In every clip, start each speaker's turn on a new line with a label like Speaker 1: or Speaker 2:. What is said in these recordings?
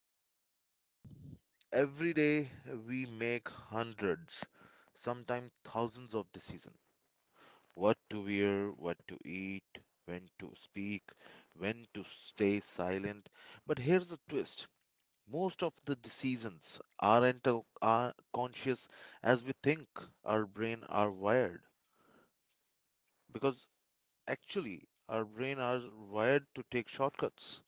Speaker 1: Everyone. Every day we make hundreds, sometimes thousands of decisions. What to wear, what to eat, when to speak, when to stay silent. But here's the twist most of the decisions aren't are conscious as we think. Our brain are wired because Actually, our brain are wired to take shortcuts.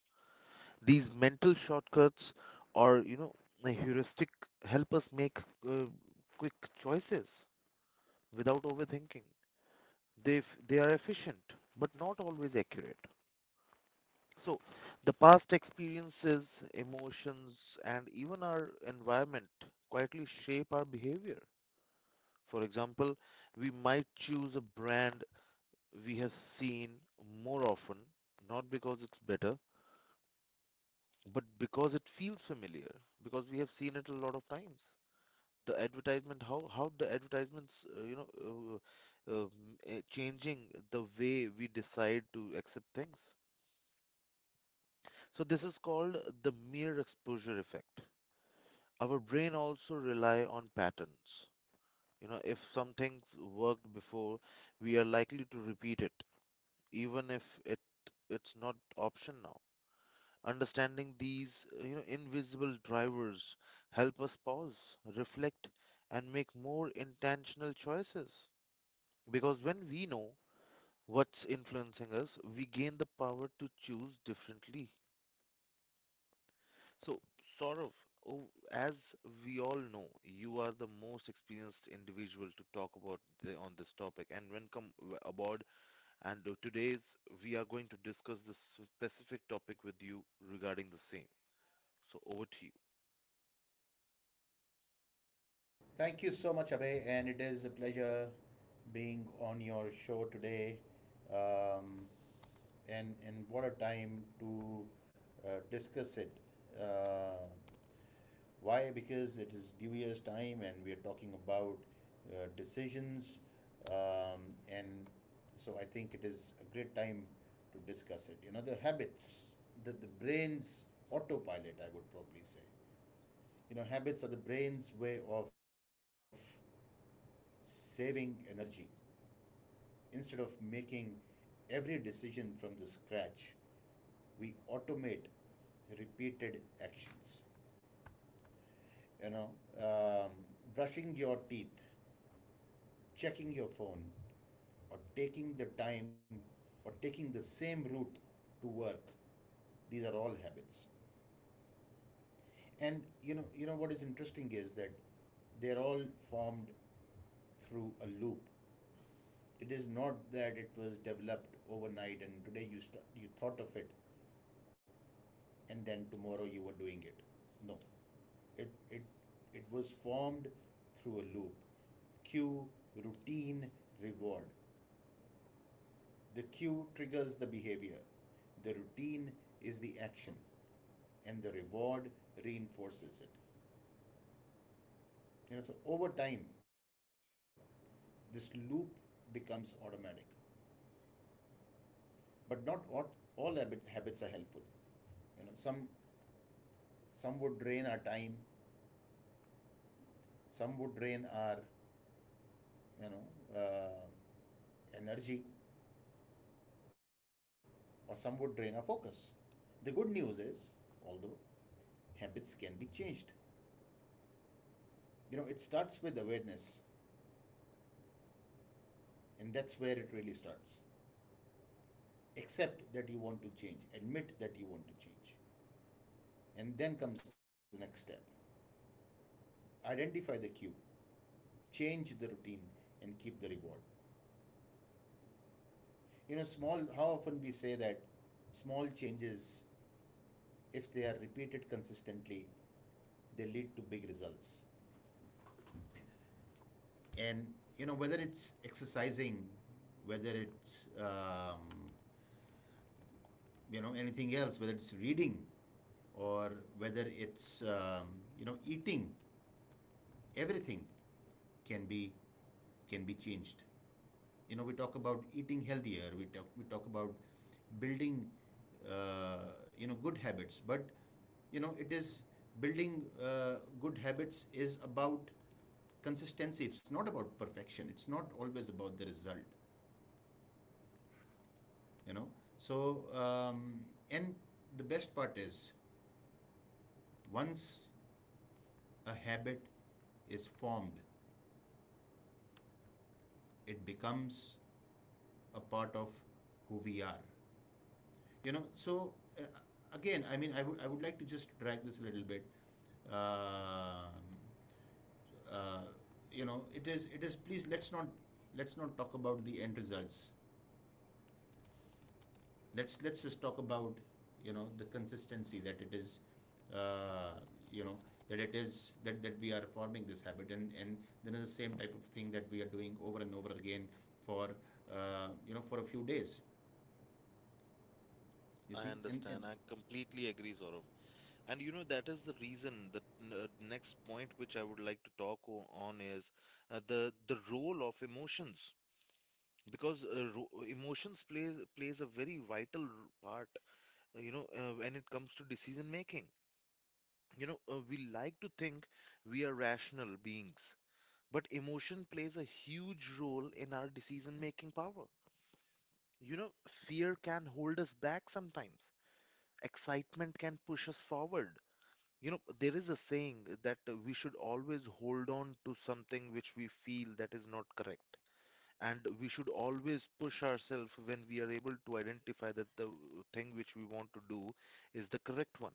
Speaker 1: These mental shortcuts or, a heuristic help us make uh, quick choices without overthinking. They are efficient, but not always accurate. So, the past experiences, emotions, and even our environment quietly shape our behavior. For example, we might choose a brand we have seen more often, not because it's better, but because it feels familiar, because we have seen it a lot of times. The advertisement how the advertisements um, changing the way we decide to accept things. So this is called the mere exposure effect. Our brain also rely on patterns. If something's worked before, we are likely to repeat it, even if it's not option now. Understanding these invisible drivers help us pause, reflect, and make more intentional choices. Because when we know what's influencing us, we gain the power to choose differently. So, Saurav, oh, as we all know, you are the most experienced individual to talk about on this topic. And when come aboard, and today's we are going to discuss this specific topic with you regarding the same. So, over to you.
Speaker 2: Thank you so much, Abhay, and it is a pleasure being on your show today. Um, and what a time to discuss it. Uh, why? Because it is New Year's time, and we are talking about decisions. And so I think it is a great time to discuss it. You know, the habits, the brain's autopilot, I would probably say. You know, habits are the brain's way of saving energy instead of making every decision from the scratch, we automate repeated actions, you know, um, brushing your teeth, checking your phone, or taking the same route to work. These are all habits. And you know what is interesting is that they're all formed through a loop. It is not that it was developed overnight and today you you thought of it and then tomorrow you were doing it. No, it it it was formed through a loop. Cue, routine, reward. The cue triggers the behavior. The routine is the action, and the reward reinforces it. You know, so over time, this loop becomes automatic. But not all habits are helpful. You know, some would drain our time, some would drain our, you know uh, energy, or some would drain our focus. The good news is, although habits can be changed, you know, it starts with awareness, and that's where it really starts. Accept that you want to change, admit that you want to change, and then comes the next step. Identify the cue, change the routine, and keep the reward. You know, how often we say that small changes, if they are repeated consistently, they lead to big results. And, you know, whether it's exercising, whether it's, you know, anything else, whether it's reading, or whether it's, you know, eating, everything can be changed. You know, we talk about eating healthier, we talk about building, uh, you know, good habits. But you know, it is building, uh, good habits is about consistency. It's not about perfection, it's not always about the result, you know. So, um, and the best part is once a habit is formed, it becomes a part of who we are, you know. So, uh, again, I mean, I would like to just drag this a little bit. uh, uh, you know, it is please, let's not talk about the end results. Let's just talk about, you know, the consistency, that it is, uh, you know, that it is that we are forming this habit. And then the same type of thing that we are doing over and over again for, you know, for a few days, you
Speaker 1: I
Speaker 2: see. And
Speaker 1: understand. I completely agree, Saurabh. And you know, that is the reason. The next point which I would like to talk on is the role of emotions. Because ro emotions plays a very vital part, when it comes to decision making. You know, we like to think we are rational beings, but emotion plays a huge role in our decision making power. You know, fear can hold us back sometimes. Excitement can push us forward. You know, there is a saying that we should always hold on to something which we feel that is not correct. And we should always push ourselves when we are able to identify that the thing which we want to do is the correct one.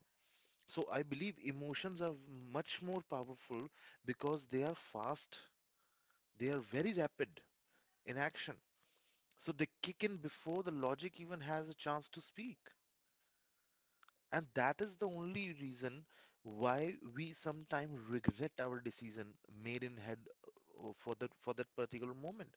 Speaker 1: So I believe emotions are much more powerful because they are fast, they are very rapid in action. So they kick in before the logic even has a chance to speak. And that is the only reason why we sometimes regret our decision made in head, for that particular moment.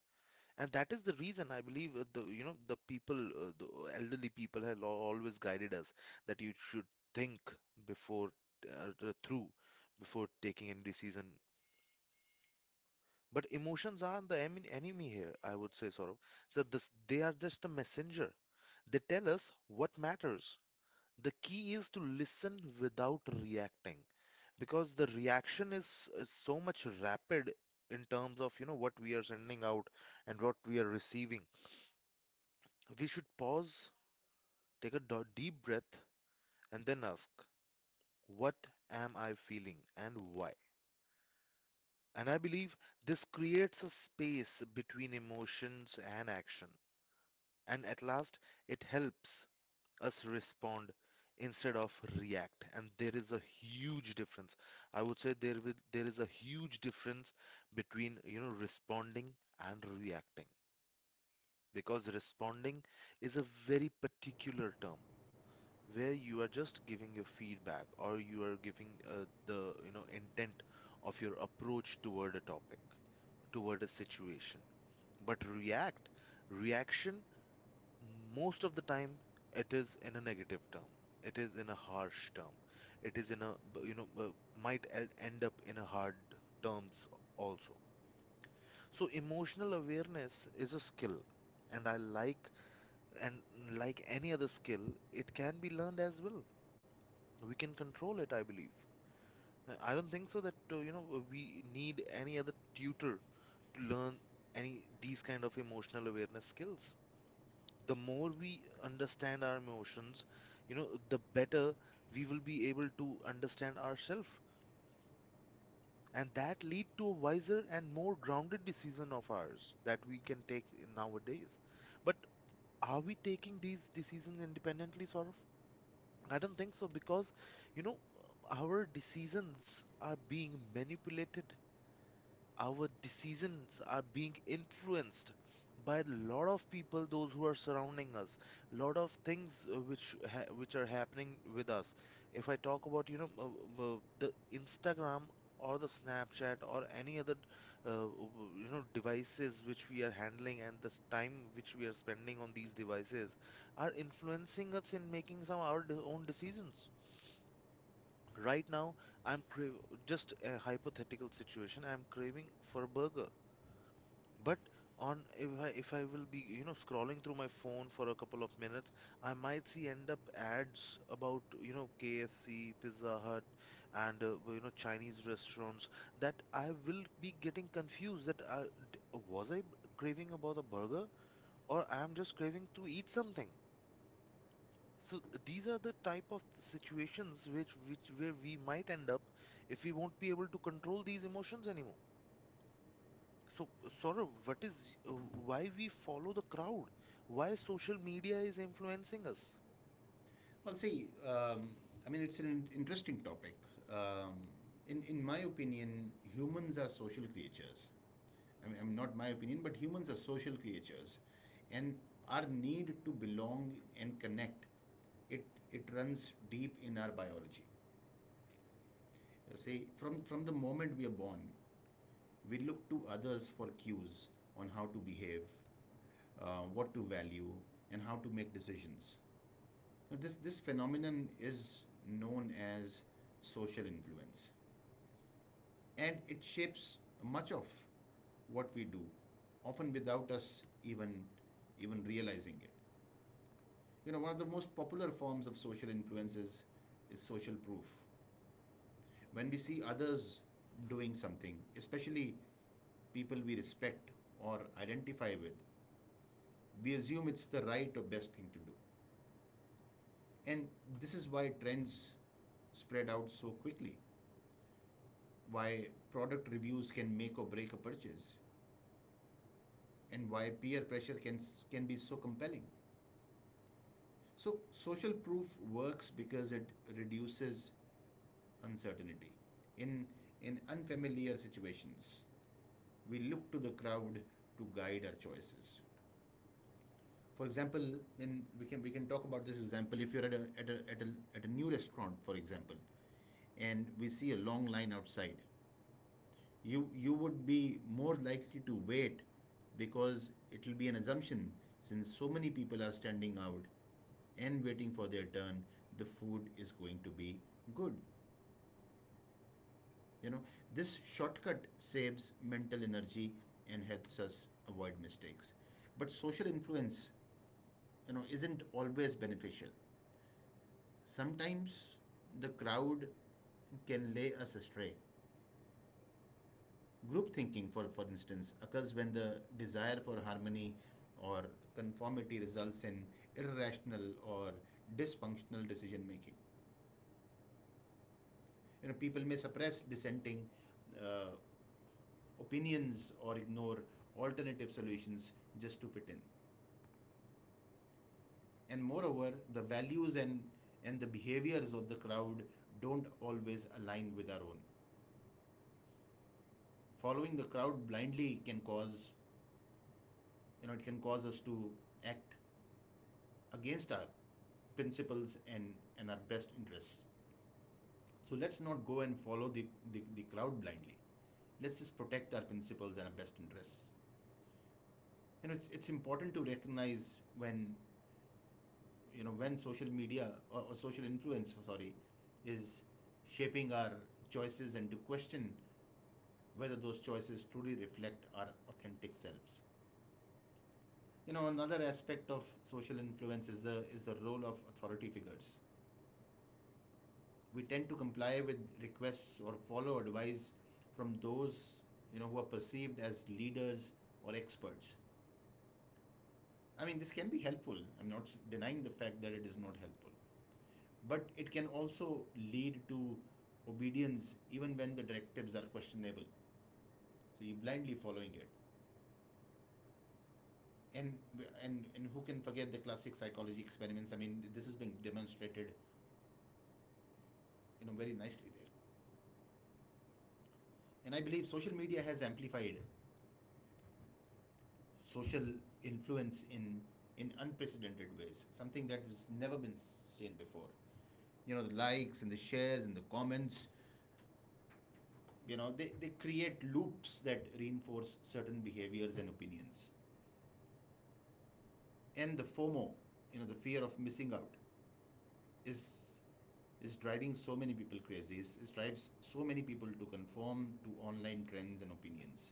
Speaker 1: And that is the reason I believe the you know the people the elderly people have always guided us that you should think before through before taking any decision. But emotions aren't the enemy here, I would say, Saurabh. So they are just a messenger. They tell us what matters. The key is to listen without reacting, because the reaction is so much rapid in terms of, what we are sending out and what we are receiving. We should pause, take a deep breath, and then ask, what am I feeling and why? And I believe this creates a space between emotions and action. And at last, it helps us respond instead of react. And there is a huge difference, I would say. There is a huge difference between, responding and reacting. Because responding is a very particular term where you are just giving your feedback, or you are giving the intent of your approach toward a topic, toward a situation. But reaction, most of the time, it is in a negative term. It is in a harsh term. It is in a, might end up in a hard terms also. So emotional awareness is a skill, and and like any other skill, it can be learned as well. We can control it, I believe. I don't think so that, we need any other tutor to learn any these kind of emotional awareness skills. The more we understand our emotions, the better we will be able to understand ourselves. And that lead to a wiser and more grounded decision of ours that we can take nowadays. But are we taking these decisions independently, sort of? I don't think so, because, you know, our decisions are being manipulated. Our decisions are being influenced by a lot of people, those who are surrounding us, lot of things which are happening with us. If I talk about, the Instagram or the Snapchat or any other, uh, devices which we are handling, and this time which we are spending on these devices are influencing us in making some our own decisions. Right now, just a hypothetical situation, I'm craving for a burger. But on if I, if I will be, scrolling through my phone for a couple of minutes, I might see end up ads about, KFC, Pizza Hut, and Chinese restaurants, that I will be getting confused that d- was I craving about a burger or I am just craving to eat something. So these are the type of situations which where we might end up, if we won't be able to control these emotions anymore. So, Saurav, what is why we follow the crowd? Why social media is influencing us?
Speaker 2: Well, see, I mean, it's an interesting topic. Um, in my opinion, humans are social creatures. I mean, not my opinion, but humans are social creatures, and our need to belong and connect, it it runs deep in our biology. You see, from the moment we are born, we look to others for cues on how to behave, what to value, and how to make decisions. Now, this phenomenon is known as social influence, and it shapes much of what we do, often without us even even realizing it. You know, one of the most popular forms of social influence is social proof. When we see others doing something, especially people we respect or identify with, we assume it's the right or best thing to do. And this is why trends spread out so quickly, why product reviews can make or break a purchase, and why peer pressure can be so compelling. So social proof works because it reduces uncertainty in unfamiliar situations. We look to the crowd to guide our choices. For example, in we can talk about this example. If you're at a new restaurant, for example, and we see a long line outside, you would be more likely to wait, because it will be an assumption: since so many people are standing out and waiting for their turn, the food is going to be good, you know. This shortcut saves mental energy and helps us avoid mistakes. But social influence, you know, isn't always beneficial. Sometimes the crowd can lay us astray. Group thinking, for instance, occurs when the desire for harmony or conformity results in irrational or dysfunctional decision making. You know, people may suppress dissenting, uh, opinions or ignore alternative solutions just to fit in. And moreover, the values and the behaviors of the crowd don't always align with our own. Following the crowd blindly can cause, you know, it can cause us to act against our principles and our best interests. So let's not go and follow the crowd blindly. Let's just protect our principles and our best interests. You know, it's important to recognize when, you know, when social media or social influence, sorry, is shaping our choices and to question whether those choices truly reflect our authentic selves. You know, another aspect of social influence is the role of authority figures. We tend to comply with requests or follow advice from those, you know, who are perceived as leaders or experts. I mean, this can be helpful, I'm not denying the fact that it is not helpful, but it can also lead to obedience even when the directives are questionable. So you're blindly following it. And and who can forget the classic psychology experiments? I mean, this is being demonstrated, you know, very nicely there. And I believe social media has amplified social influence in unprecedented ways, something that has never been seen before. You know, the likes and the shares and the comments, you know, they create loops that reinforce certain behaviors and opinions. And the fomo, you know, the fear of missing out, is is driving so many people crazy. It is drives so many people to conform to online trends and opinions,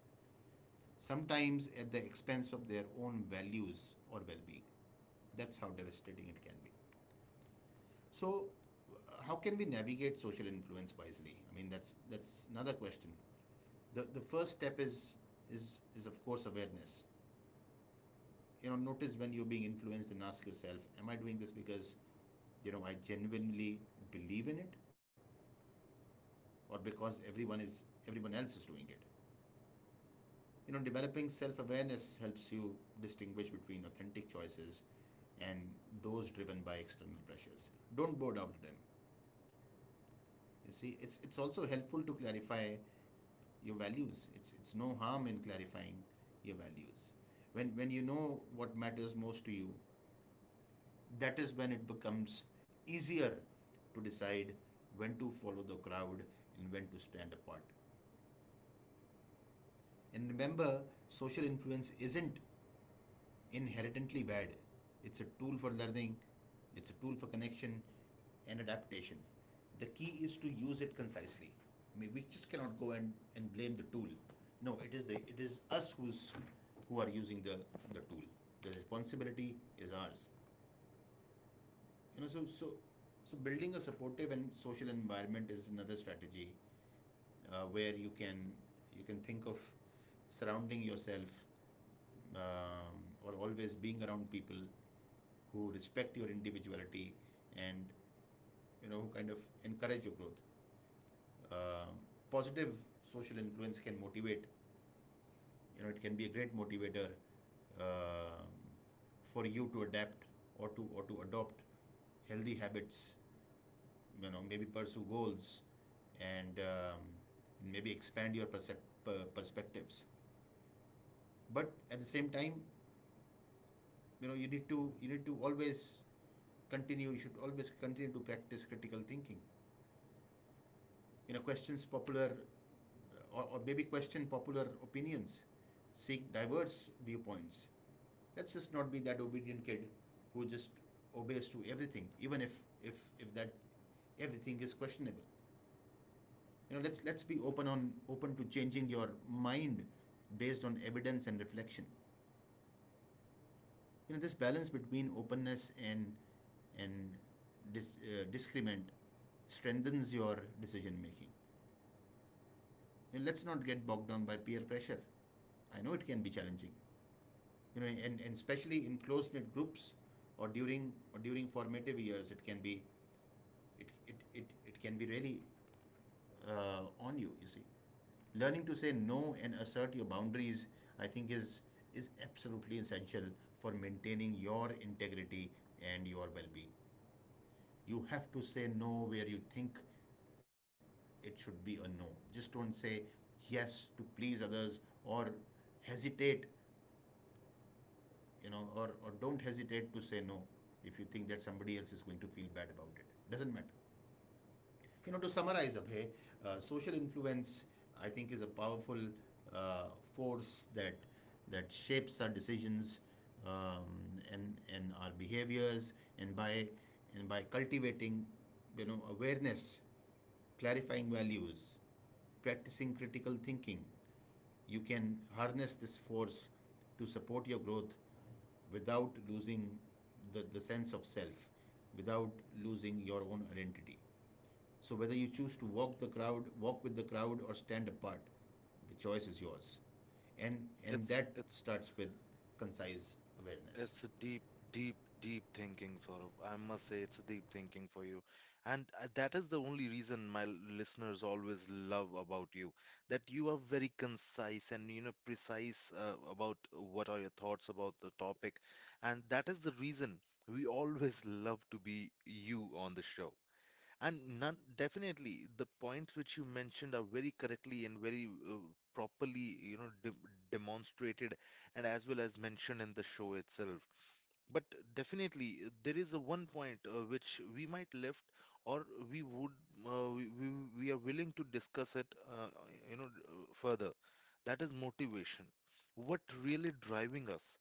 Speaker 2: sometimes at the expense of their own values or well-being. That's how devastating it can be. So, how can we navigate social influence wisely? I mean, that's another question. The first step is of course awareness. You know, notice when you're being influenced and ask yourself, am I doing this because, you know, I genuinely believe in it, or because everyone else is doing it? You know, developing self-awareness helps you distinguish between authentic choices and those driven by external pressures. Don't bow down to them. You see, it's also helpful to clarify your values. It's no harm in clarifying your values. When you know what matters most to you, that is when it becomes easier to decide when to follow the crowd and when to stand apart. And remember, social influence isn't inherently bad. It's a tool for learning, it's a tool for connection and adaptation. The key is to use it concisely. I mean, we just cannot go and blame the tool. No, it is us who's who are using the tool. The responsibility is ours. You know, so so building a supportive and social environment is another strategy, where you can think of surrounding yourself, um, or always being around people who respect your individuality and, you know, who kind of encourage your growth. Um Positive social influence can motivate. You know, it can be a great motivator um for you to adapt or to adopt healthy habits, you know, maybe pursue goals, and maybe expand your perspectives. But at the same time, you know, you need to always continue you should always continue to practice critical thinking. You know, questions popular or maybe question popular opinions, seek diverse viewpoints. Let's just not be that obedient kid who just obeys to everything, even if that everything is questionable. You know, let's be open to changing your mind based on evidence and reflection. You know, this balance between openness and discrement strengthens your decision making. You know, let's not get bogged down by peer pressure. I know it can be challenging, you know, and especially in close knit groups, or during formative years. It can be, it can be really on you, you see. Learning to say no and assert your boundaries, I think, is absolutely essential for maintaining your integrity and your well-being. You have to say no where you think it should be a no. Just don't say yes to please others, or hesitate, you know, or don't hesitate to say no if you think that somebody else is going to feel bad about it. Doesn't matter. You know, to summarize, Abhay, social influence, I think, is a powerful uh, force that shapes our decisions and our behaviors, and by cultivating, you know, awareness, clarifying values, practicing critical thinking, you can harness this force to support your growth without losing the sense of self, without losing your own identity. So whether you choose to walk with the crowd or stand apart, the choice is yours. And
Speaker 1: It's
Speaker 2: that
Speaker 1: it's
Speaker 2: starts with concise awareness.
Speaker 1: it's a deep, deep, deep thinking, sort of. I must say, it's a deep thinking for you, and that is the only reason my listeners always love about you, that you are very concise and precise about what are your thoughts about the topic, and that is the reason we always love to be you on the show. And none, definitely, the points which you mentioned are very correctly and very properly, you know, de demonstrated and as well as mentioned in the show itself. But definitely, there is a one point which we might left, or we would, uh, we, we, we are willing to discuss it, uh, you know, further. That is motivation. What really driving us?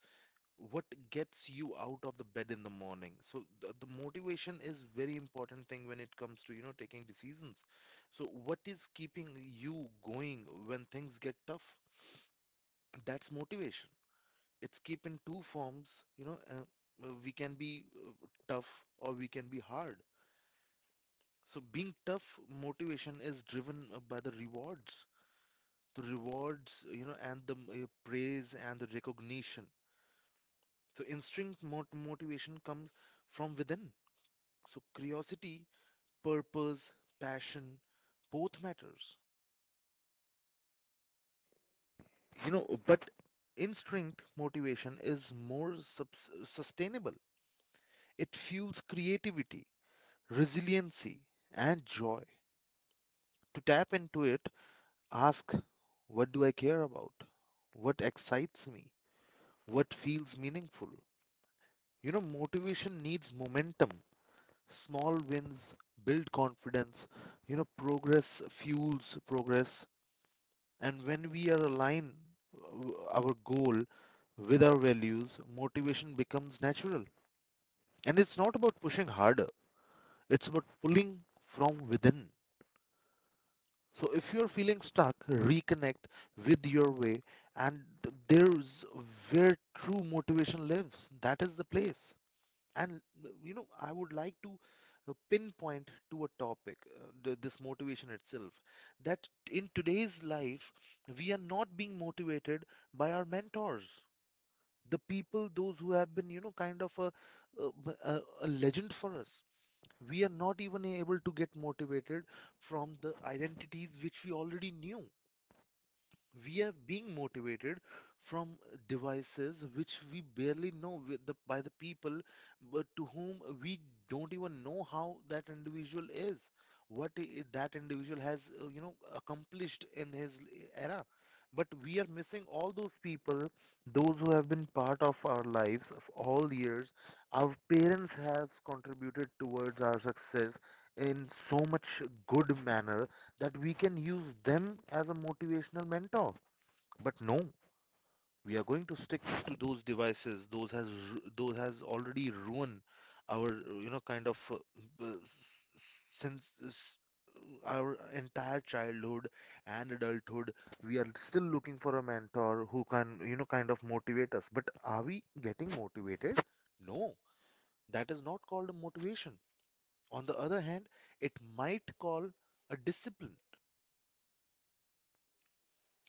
Speaker 1: What gets you out of the bed in the morning? So the motivation is very important thing when it comes to, taking decisions. So what is keeping you going when things get tough? That's motivation. It's keep in two forms, we can be tough or we can be hard. So being tough motivation is driven by the rewards, the rewards and the praise and the recognition. So instinct motivation comes from within. So curiosity, purpose, passion, both matters. You know, but instinct motivation is more sustainable. It fuels creativity, resiliency, and joy. To tap into it, ask, what do I care about? What excites me? What feels meaningful? You know, motivation needs momentum. Small wins build confidence. You know, progress fuels progress. And when we are aligned, our goal with our values, motivation becomes natural. And it's not about pushing harder, it's about pulling from within. So if you're feeling stuck, reconnect with your way, and there's where true motivation lives. That is the place. And I would like to pinpoint to a topic, this motivation itself, that in today's life, we are not being motivated by our mentors, the people, those who have been, kind of a legend for us. We are not even able to get motivated from the identities which we already knew. We are being motivated from devices which we barely know, by the people, but to whom we don't even know how that individual is, what that individual has accomplished in his era. But we are missing all those people, those who have been part of our lives of all the years. Our parents has contributed towards our success in so much good manner, that we can use them as a motivational mentor. But no, we are going to stick to those devices. Those has already ruined our, kind of, since s- our entire childhood and adulthood. We are still looking for a mentor who can, kind of motivate us. But are we getting motivated? No, that is not called a motivation. On the other hand, it might call a discipline.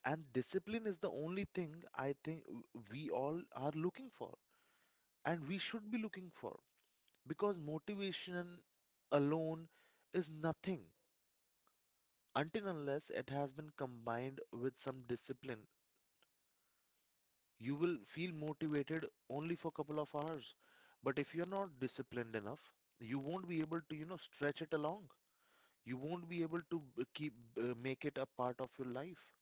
Speaker 1: And discipline is the only thing, I think, we all are looking for and we should be looking for, because motivation alone is nothing until unless it has been combined with some discipline. You will feel motivated only for a couple of hours, but if you're not disciplined enough, you won't be able to, stretch it along. You won't be able to keep make it a part of your life.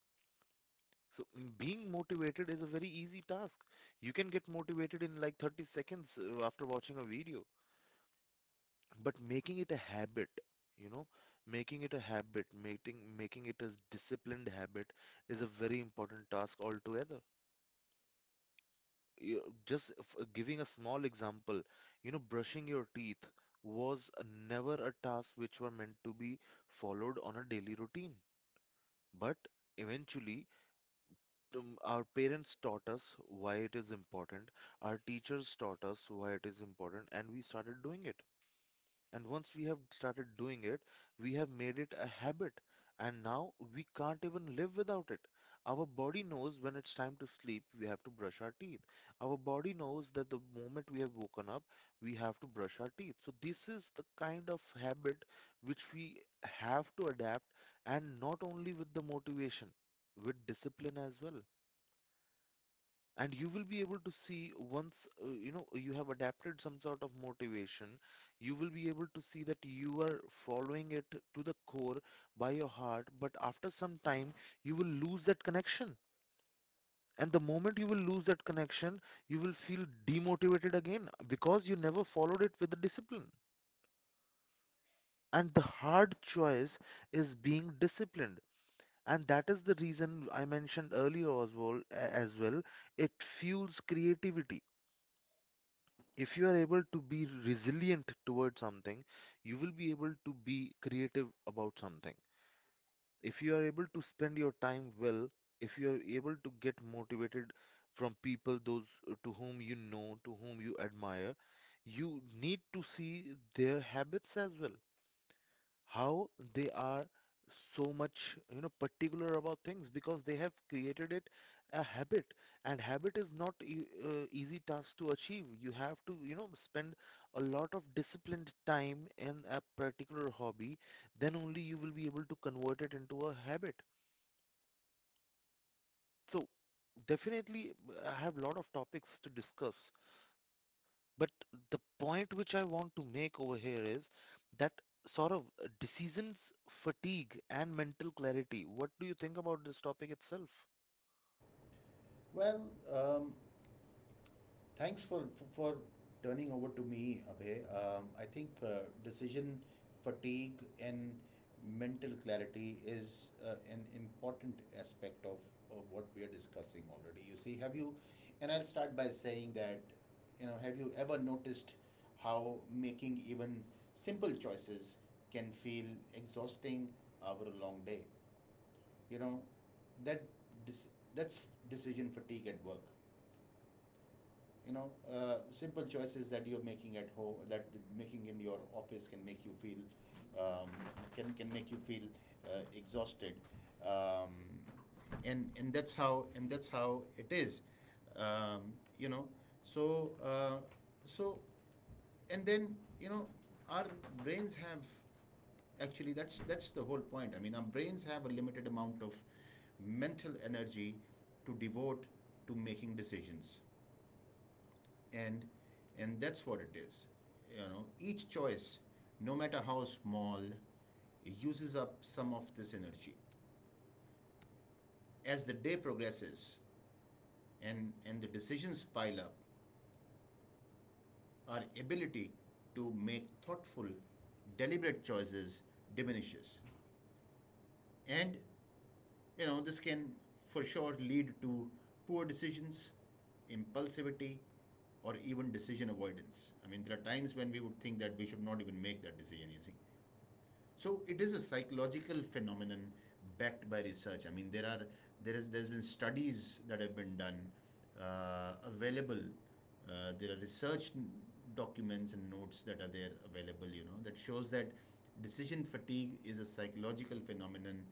Speaker 1: Being motivated is a very easy task. You can get motivated in like 30 seconds after watching a video. But making it a habit, you know, making it a habit, making it a disciplined habit is a very important task altogether. You, Giving a small example, you know, brushing your teeth was never a task which were meant to be followed on a daily routine. But eventually, our parents taught us why it is important, our teachers taught us why it is important, and we started doing it. And once we have started doing it, we have made it a habit, and now we can't even live without it. Our body knows when it's time to sleep, we have to brush our teeth. Our body knows that the moment we have woken up, we have to brush our teeth. So, this is the kind of habit which we have to adapt, and not only with the motivation, with discipline as well. And you will be able to see once you know you have adapted some sort of motivation, you will be able to see that you are following it to the core by your heart, but after some time you will lose that connection. And the moment you will lose that connection, you will feel demotivated again because you never followed it with the discipline. And the hard choice is being disciplined, and that is the reason I mentioned earlier, Oswald, as well. It fuels creativity. If you are able to be resilient towards something, you will be able to be creative about something. If you are able to spend your time well, if you are able to get motivated from people, those to whom, you know, to whom you admire, you need to see their habits as well, how they are so much, you know, particular about things, because they have created it a habit. And habit is not easy task to achieve. You have to, you know, spend a lot of disciplined time in a particular hobby. Then only you will be able to convert it into a habit. So definitely.
Speaker 2: Well, thanks for turning over to me, Abhay. I think decision fatigue and mental clarity is an important aspect of what we are discussing already. You see, have you? And I'll start by saying that, you know, have you ever noticed how making even simple choices can feel exhausting over a long day? You know, that dis- that's decision fatigue at work. You know, simple choices that you're making at home, that making in your office, can make you feel um, can make you feel exhausted. um, and that's how it is. um, you know, so uh, so and then, you know, our brains have, actually, that's the whole point. I mean, our brains have a limited amount of mental energy to devote to making decisions, and and that's what it is. You know, each choice, no matter how small, uses up some of this energy. As the day progresses, and the decisions pile up, our ability to make thoughtful, deliberate choices diminishes. And you know, this can for sure lead to poor decisions, impulsivity, or even decision avoidance. I mean, there are times when we would think that we should not even make that decision, you see. So it is a psychological phenomenon backed by research. I mean, there are there's been studies that have been done, available. There are research documents and notes that are there available. You know, that shows that decision fatigue is a psychological phenomenon,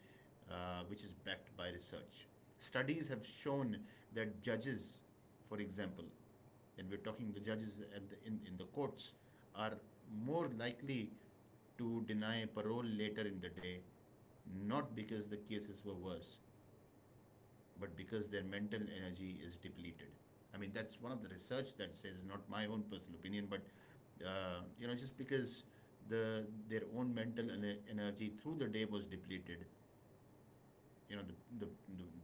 Speaker 2: which is backed by research. Studies have shown that judges, for example, that we're talking the judges at the, in the courts, are more likely to deny parole later in the day, not because the cases were worse, but because their mental energy is depleted. I mean, that's one of the research that says, not my own personal opinion, but you know, just because the their own mental energy through the day was depleted, you know, the, the,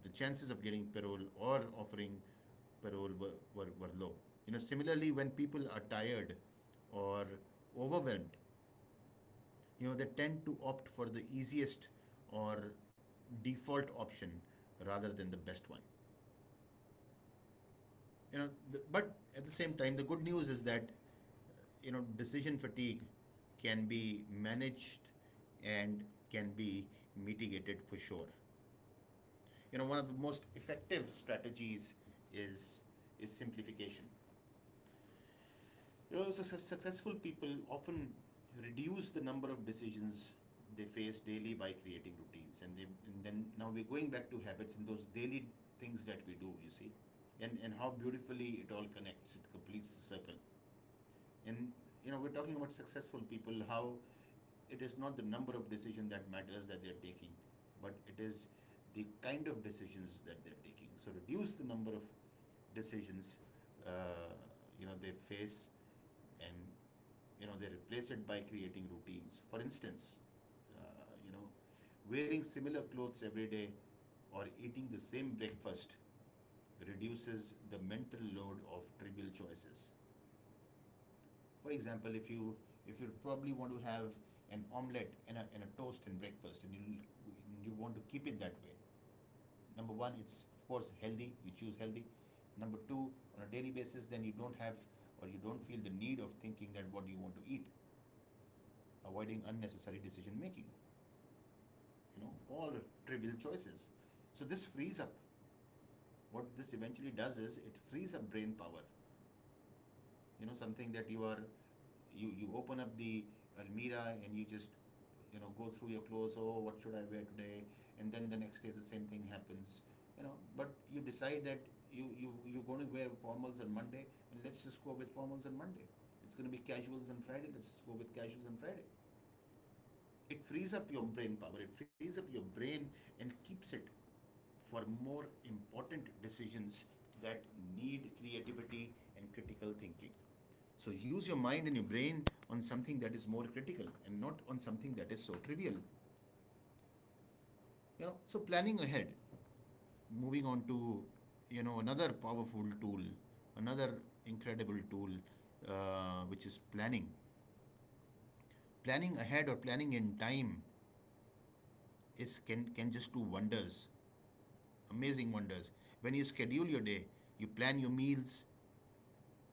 Speaker 2: the chances of getting parole or offering parole were low. You know, similarly, when people are tired or overwhelmed, you know, they tend to opt for the easiest or default option rather than the best one. You know, the, but at the same time, the good news is that, you know, decision fatigue can be managed and can be mitigated for sure. You know, one of the most effective strategies is is simplification. You know, successful people often reduce the number of decisions they face daily by creating routines, and then now we're going back to habits and those daily things that we do. You see, and how beautifully it all connects. It completes the circle. And you know, we're talking about successful people, how it is not the number of decisions that matters that they're taking, but it is the kind of decisions that they're taking. So reduce the number of decisions, uh, you know, they face, and you know, they replace it by creating routines. For instance, you know, wearing similar clothes every day or eating the same breakfast reduces the mental load of trivial choices. For example, if you, if you probably want to have an omelette and a toast and breakfast, and you want to keep it that way, number one, it's of course healthy. You choose healthy. Number two, on a daily basis, then you don't have, or you don't feel the need of thinking that what do you want to eat, avoiding unnecessary decision making. You know, all trivial choices. So this frees up. What this eventually does is it frees up brain power. You know, something that you are, you open up the almirah, and you just, you know, go through your clothes. Oh, what should I wear today? And then the next day, the same thing happens. You know, but you decide that you're going to wear formals on Monday, and let's just go with formals on Monday. It's going to be casuals on Friday. Let's just go with casuals on Friday. It frees up your brain power, it frees up your brain and keeps it for more important decisions that need creativity and critical thinking. So use your mind and your brain on something that is more critical and not on something that is so trivial. You know, so planning ahead, moving on to, you know, another powerful tool, another incredible tool, which is planning. Planning ahead or planning in time is can just do wonders, amazing wonders. When you schedule your day, you plan your meals,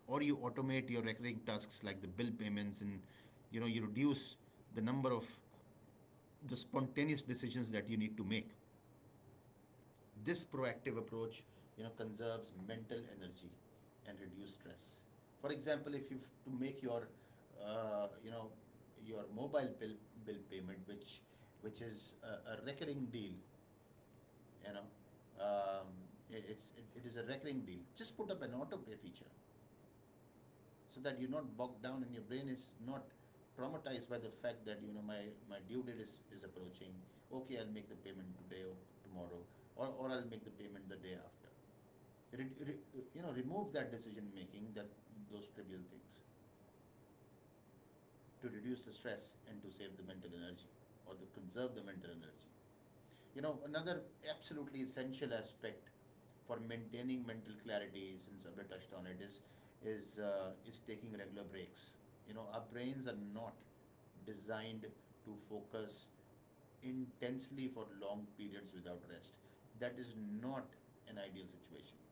Speaker 2: or you automate your recurring tasks like the bill payments, and you know, you reduce the number of the spontaneous decisions that you need to make. This proactive approach, you know, conserves mental energy and reduce stress. For example, if you've to make your, you know, your mobile bill payment, which is a recurring deal, you know, um, I- it's it, it is a recurring deal, just put up an autopay feature so that you're not bogged down and your brain is not traumatized by the fact that, you know, my due date is approaching. Okay, I'll make the payment today or tomorrow, or I'll make the payment the day after. Remove that decision making, that those trivial things, to reduce the stress and to save the mental energy, or to conserve the mental energy. You know, another absolutely essential aspect for maintaining mental clarity, since Abhay touched on it, is taking regular breaks. You know, our brains are not designed to focus intensely for long periods without rest. That is not an ideal situation.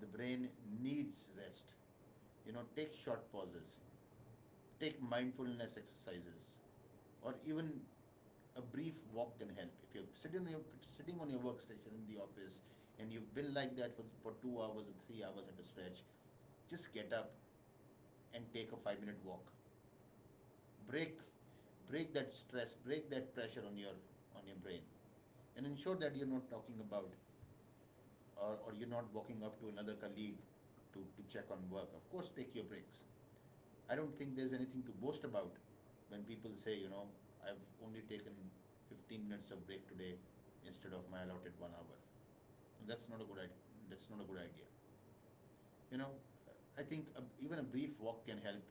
Speaker 2: The brain needs rest. You know, take short pauses, take mindfulness exercises, or even a brief walk can help. If you're sitting on your workstation in the office and you've been like that for, 2 hours or 3 hours at a stretch, just get up and take a 5-minute walk break. Break that stress, break that pressure on your, on your brain. And ensure that you're not talking about, or you're not walking up to another colleague to check on work. Of course, take your breaks. I don't think there's anything to boast about when people say, you know, I've only taken 15 minutes of break today instead of my allotted 1 hour. And that's not a good idea. That's not a good idea. You know, I think a, even a brief walk can help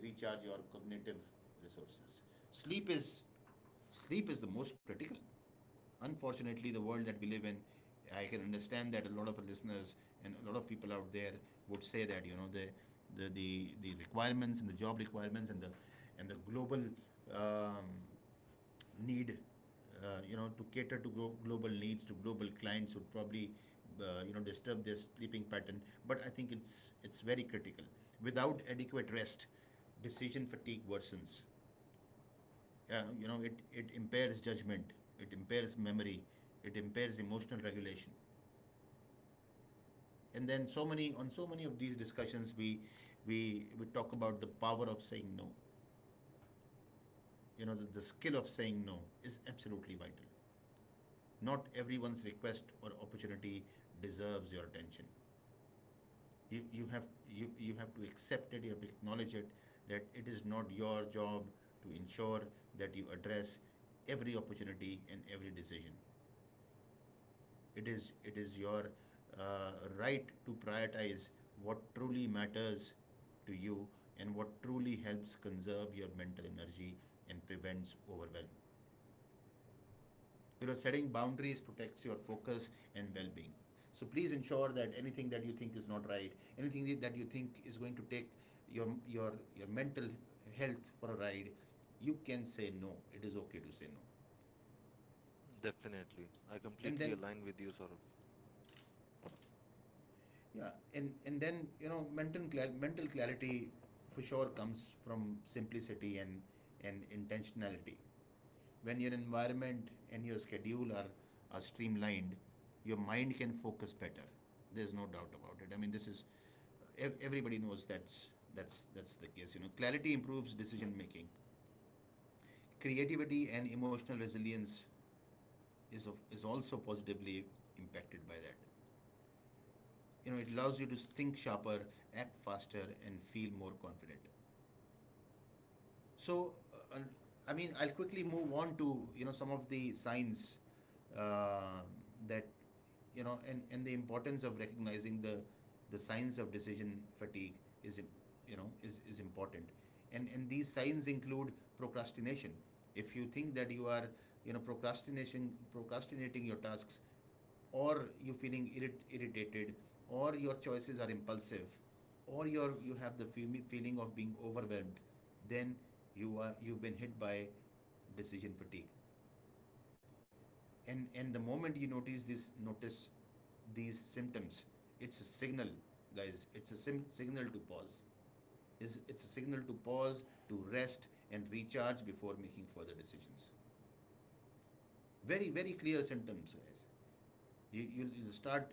Speaker 2: recharge your cognitive resources. Sleep is sleep is the most critical. Unfortunately, the world that we live in, I can understand that a lot of listeners and a lot of people out there would say that, you know, the requirements, and the job requirements, and the global um, need, you know, to cater to global needs, to global clients, would probably you know, disturb their sleeping pattern. But I think it's very critical. Without adequate rest, decision fatigue worsens. Yeah, you know, it impairs judgment, it impairs memory, it impairs emotional regulation. And then, so many of these discussions, we talk about the power of saying no. You know, the skill of saying no is absolutely vital. Not everyone's request or opportunity deserves your attention. You you have you have to accept it, you have to acknowledge it, that it is not your job to ensure that you address every opportunity and every decision. It is your uh, right to prioritize what truly matters to you, and what truly helps conserve your mental energy and prevents overwhelm. You know, setting boundaries protects your focus and well-being. So please ensure that anything that you think is not right, anything that you think is going to take your mental health for a ride, you can say no. It is okay to say no.
Speaker 1: Definitely. I
Speaker 2: And
Speaker 1: completely
Speaker 2: then,
Speaker 1: align with you, Saurabh.
Speaker 2: yeah, and then, you know, mental mental clarity for sure comes from simplicity and intentionality. When your environment and your schedule are streamlined, your mind can focus better. There's no doubt about it. I mean, this is, everybody knows that's the case. You know, clarity improves decision making. Creativity and emotional resilience is also positively impacted by that. You know, it allows you to think sharper, act faster, and feel more confident. So uh, I mean, I'll quickly move on to you know some of the signs uh, that you know and the importance of recognizing the signs of decision fatigue is you know is important. And these signs include procrastination. If you think that you are you know procrastinating your tasks, or you're feeling irritated, or your choices are impulsive, or you have the feeling of being overwhelmed, then you are you've been hit by decision fatigue. And the moment you notice this notice these symptoms, it's a signal, guys. It's a signal to pause. It's a signal to pause, to rest and recharge before making further decisions. Very very clear symptoms, guys. You'll start,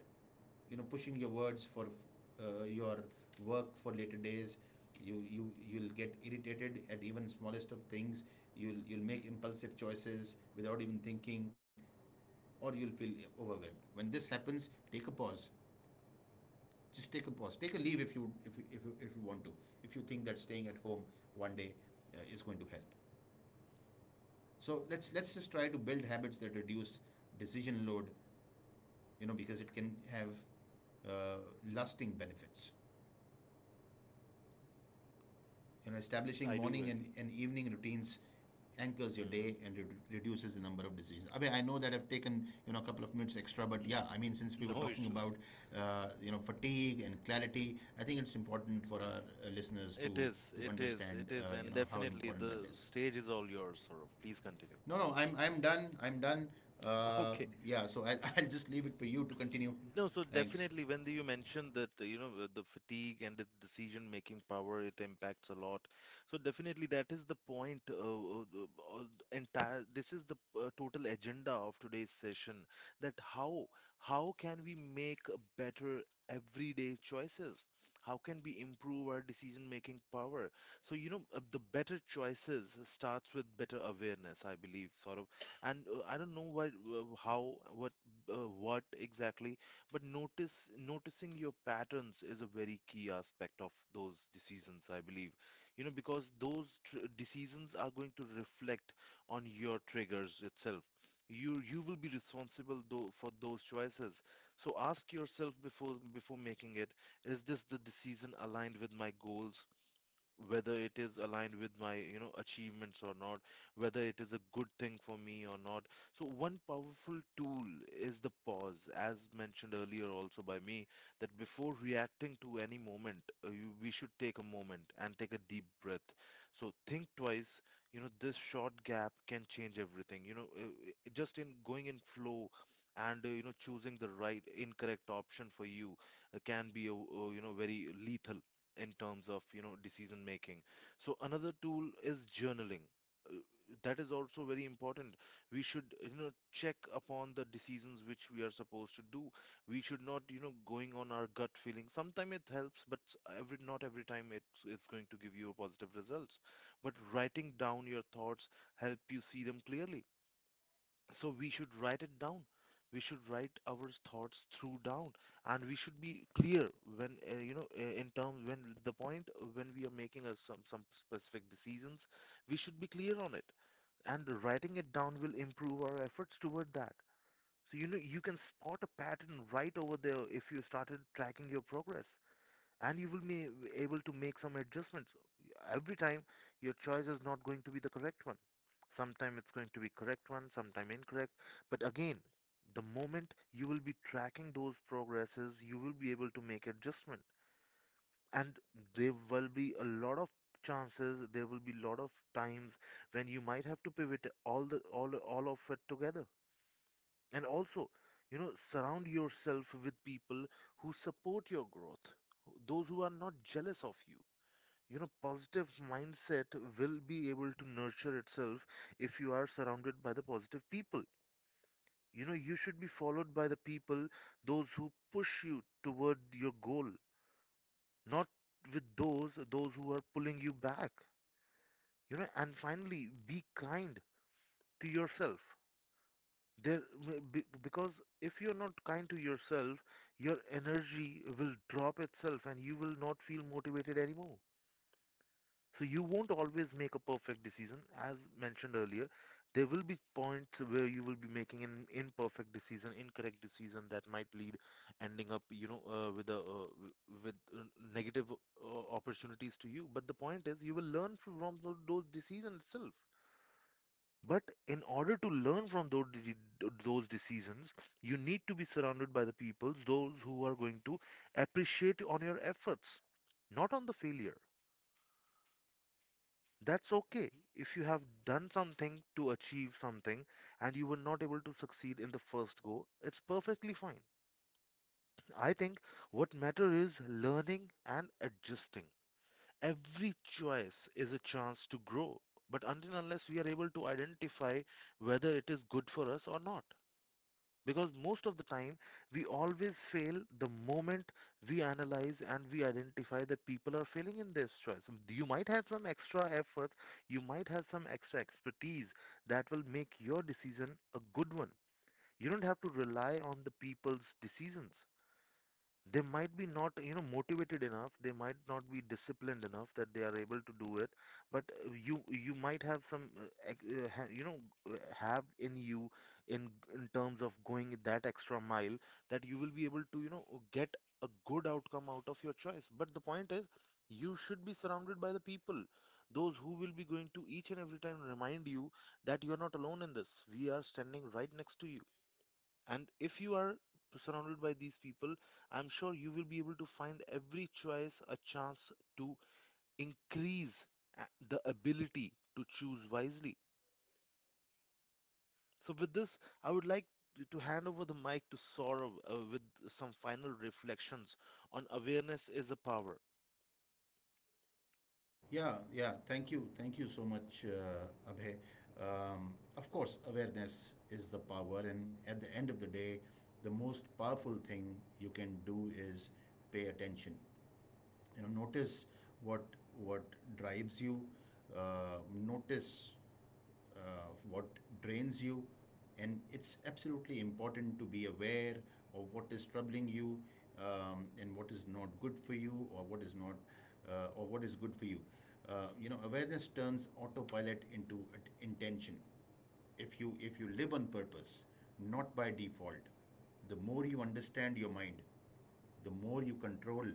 Speaker 2: you know, pushing your words for your work for later days. You'll get irritated at even smallest of things. You'll make impulsive choices without even thinking, or you'll feel overwhelmed. When this happens, take a pause. Just take a pause. Take a leave if you if you want to. If you think that staying at home one day is going to help. So let's just try to build habits that reduce decision load, you know, because it can have uh, lasting benefits. You know, establishing
Speaker 1: I do
Speaker 2: morning
Speaker 1: agree.
Speaker 2: and evening routines anchors your
Speaker 1: Mm.
Speaker 2: day and reduces the number of decisions. I mean, I know that I've taken you know a couple of minutes extra, but yeah, I mean, since we were
Speaker 1: No
Speaker 2: talking
Speaker 1: issues.
Speaker 2: about you know fatigue and clarity, I think it's important for our listeners
Speaker 1: It is,
Speaker 2: to
Speaker 1: it is,
Speaker 2: understand
Speaker 1: it is,
Speaker 2: you
Speaker 1: and
Speaker 2: know how
Speaker 1: definitely
Speaker 2: important that
Speaker 1: the
Speaker 2: is.
Speaker 1: stage is all yours, Saurabh. Please continue.
Speaker 2: No, no, I'm done. I'm done. Uh,
Speaker 1: Okay.
Speaker 2: yeah, so I'll, I'll just leave it for you to continue.
Speaker 1: No, so
Speaker 2: Thanks.
Speaker 1: definitely when you mentioned that, you know, the fatigue and the decision-making power, it impacts a lot. So definitely that is the point. Entire this is the total agenda of today's session. That how can we make a better everyday choices? How can we improve our decision-making power? So you know, the better choices starts with better awareness, I believe, sort of. And I don't know why, how, what exactly. But notice noticing your patterns is a very key aspect of those decisions, I believe. You know, because those decisions are going to reflect on your triggers itself. You will be responsible though for those choices. So ask yourself before making it, is this the decision aligned with my goals, whether it is aligned with my, you know, achievements or not, whether it is a good thing for me or not. So one powerful tool is the pause, as mentioned earlier also by me, that before reacting to any moment we should take a moment and take a deep breath. So think twice, you know, this short gap can change everything, you know, just in going in flow and you know choosing the right incorrect option for you can be you know, very lethal in terms of, you know, decision making. So another tool is journaling. Uh, that is also very important. We should, you know, check upon the decisions which we are supposed to do. We should not, you know, going on our gut feeling. Sometimes it helps, but every not every time it's going to give you a positive results. But writing down your thoughts help you see them clearly. So we should write it down. We should write our thoughts through down, and we should be clear when you know in terms, when the point when we are making us some specific decisions, we should be clear on it. And writing it down will improve our efforts toward that. So you know you can spot a pattern right over there if you started tracking your progress, and you will be able to make some adjustments. Every time your choice is not going to be the correct one. Sometime it's going to be correct one, sometime incorrect. But again, the moment you will be tracking those progresses, you will be able to make adjustment. And there will be a lot of chances, there will be a lot of times when you might have to pivot all the all of it together. And also, you know, surround yourself with people who support your growth, those who are not jealous of you. You know, positive mindset will be able to nurture itself if you are surrounded by the positive people. You know, you should be followed by the people, those who push you toward your goal, not with those who are pulling you back. You know, and finally, be kind to yourself. There Because if you're not kind to yourself, your energy will drop itself and you will not feel motivated anymore. So you won't always make a perfect decision. As mentioned earlier, there will be points where you will be making an imperfect decision, incorrect decision that might lead ending up, you know, with a with negative opportunities to you. But the point is, you will learn from those decisions itself. But in order to learn from those decisions, you need to be surrounded by the peoples, those who are going to appreciate on your efforts, not on the failure. That's okay if you have done something to achieve something and you were not able to succeed in the first go, it's perfectly fine. I think what matter is learning and adjusting. Every choice is a chance to grow, but until unless we are able to identify whether it is good for us or not. Because most of the time, we always fail the moment we analyze and we identify that people are failing in this choice. You might have some extra effort, you might have some extra expertise that will make your decision a good one. You don't have to rely on the people's decisions. They might be not, you know, motivated enough, they might not be disciplined enough that they are able to do it. But you you might have some you know have in you in in terms of going that extra mile, that you will be able to, you know, get a good outcome out of your choice. But the point is, you should be surrounded by the people, those who will be going to each and every time remind you that you are not alone in this, we are standing right next to you. And if you are surrounded by these people, I'm sure you will be able to find every choice a chance to increase the ability to choose wisely. So, with this, I would like to hand over the mic to Saurav with some final reflections on awareness is a power.
Speaker 2: Yeah, yeah. Thank you. Thank you so much, Abhay. Of course, awareness is the power, and at the end of the day, the most powerful thing you can do is pay attention. You know, notice what what drives you. Notice what drains you. And it's absolutely important to be aware of what is troubling you, and what is not good for you, or what is not or what is good for you. You know, awareness turns autopilot into intention. If you if you live on purpose, not by default, the more you understand your mind, the more you control,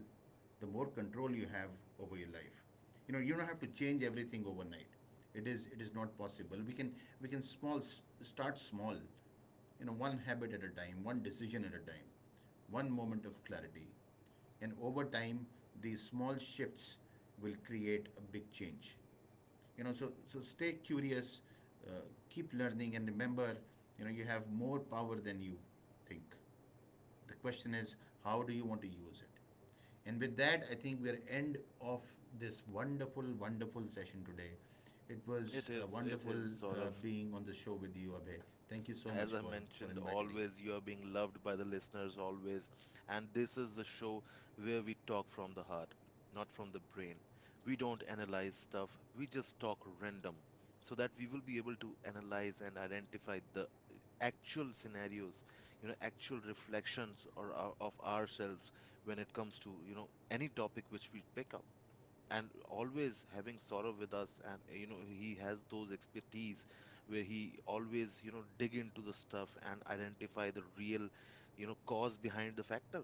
Speaker 2: the more control you have over your life. You know, you don't have to change everything overnight. It is not possible. We can small start small. You know, one habit at a time, one decision at a time, one moment of clarity, and over time, these small shifts will create a big change. You know, so stay curious, uh, keep learning, and remember, you know, you have more power than you think. The question is, how do you want to use it? And with that, I think we're end of this wonderful, wonderful session today. It was
Speaker 1: It
Speaker 2: wonderful
Speaker 1: is, Saurav.
Speaker 2: being on the show with you, Abhay. Thank you so
Speaker 1: As
Speaker 2: much
Speaker 1: I
Speaker 2: for
Speaker 1: mentioned,
Speaker 2: inviting.
Speaker 1: always you are being loved by the listeners, always. And this is the show where we talk from the heart, not from the brain. We don't analyze stuff, we just talk random so that we will be able to analyze and identify the actual scenarios, you know, actual reflections or of ourselves when it comes to, you know, any topic which we pick up. And always having Saurav with us, and you know he has those expertise where he always, you know, dig into the stuff and identify the real, you know, cause behind the factor.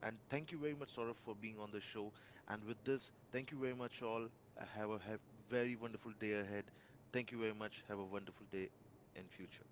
Speaker 1: And thank you very much, Saurav, for being on the show. And with this, thank you very much all. Have a have very wonderful day ahead. Thank you very much. Have a wonderful day in future.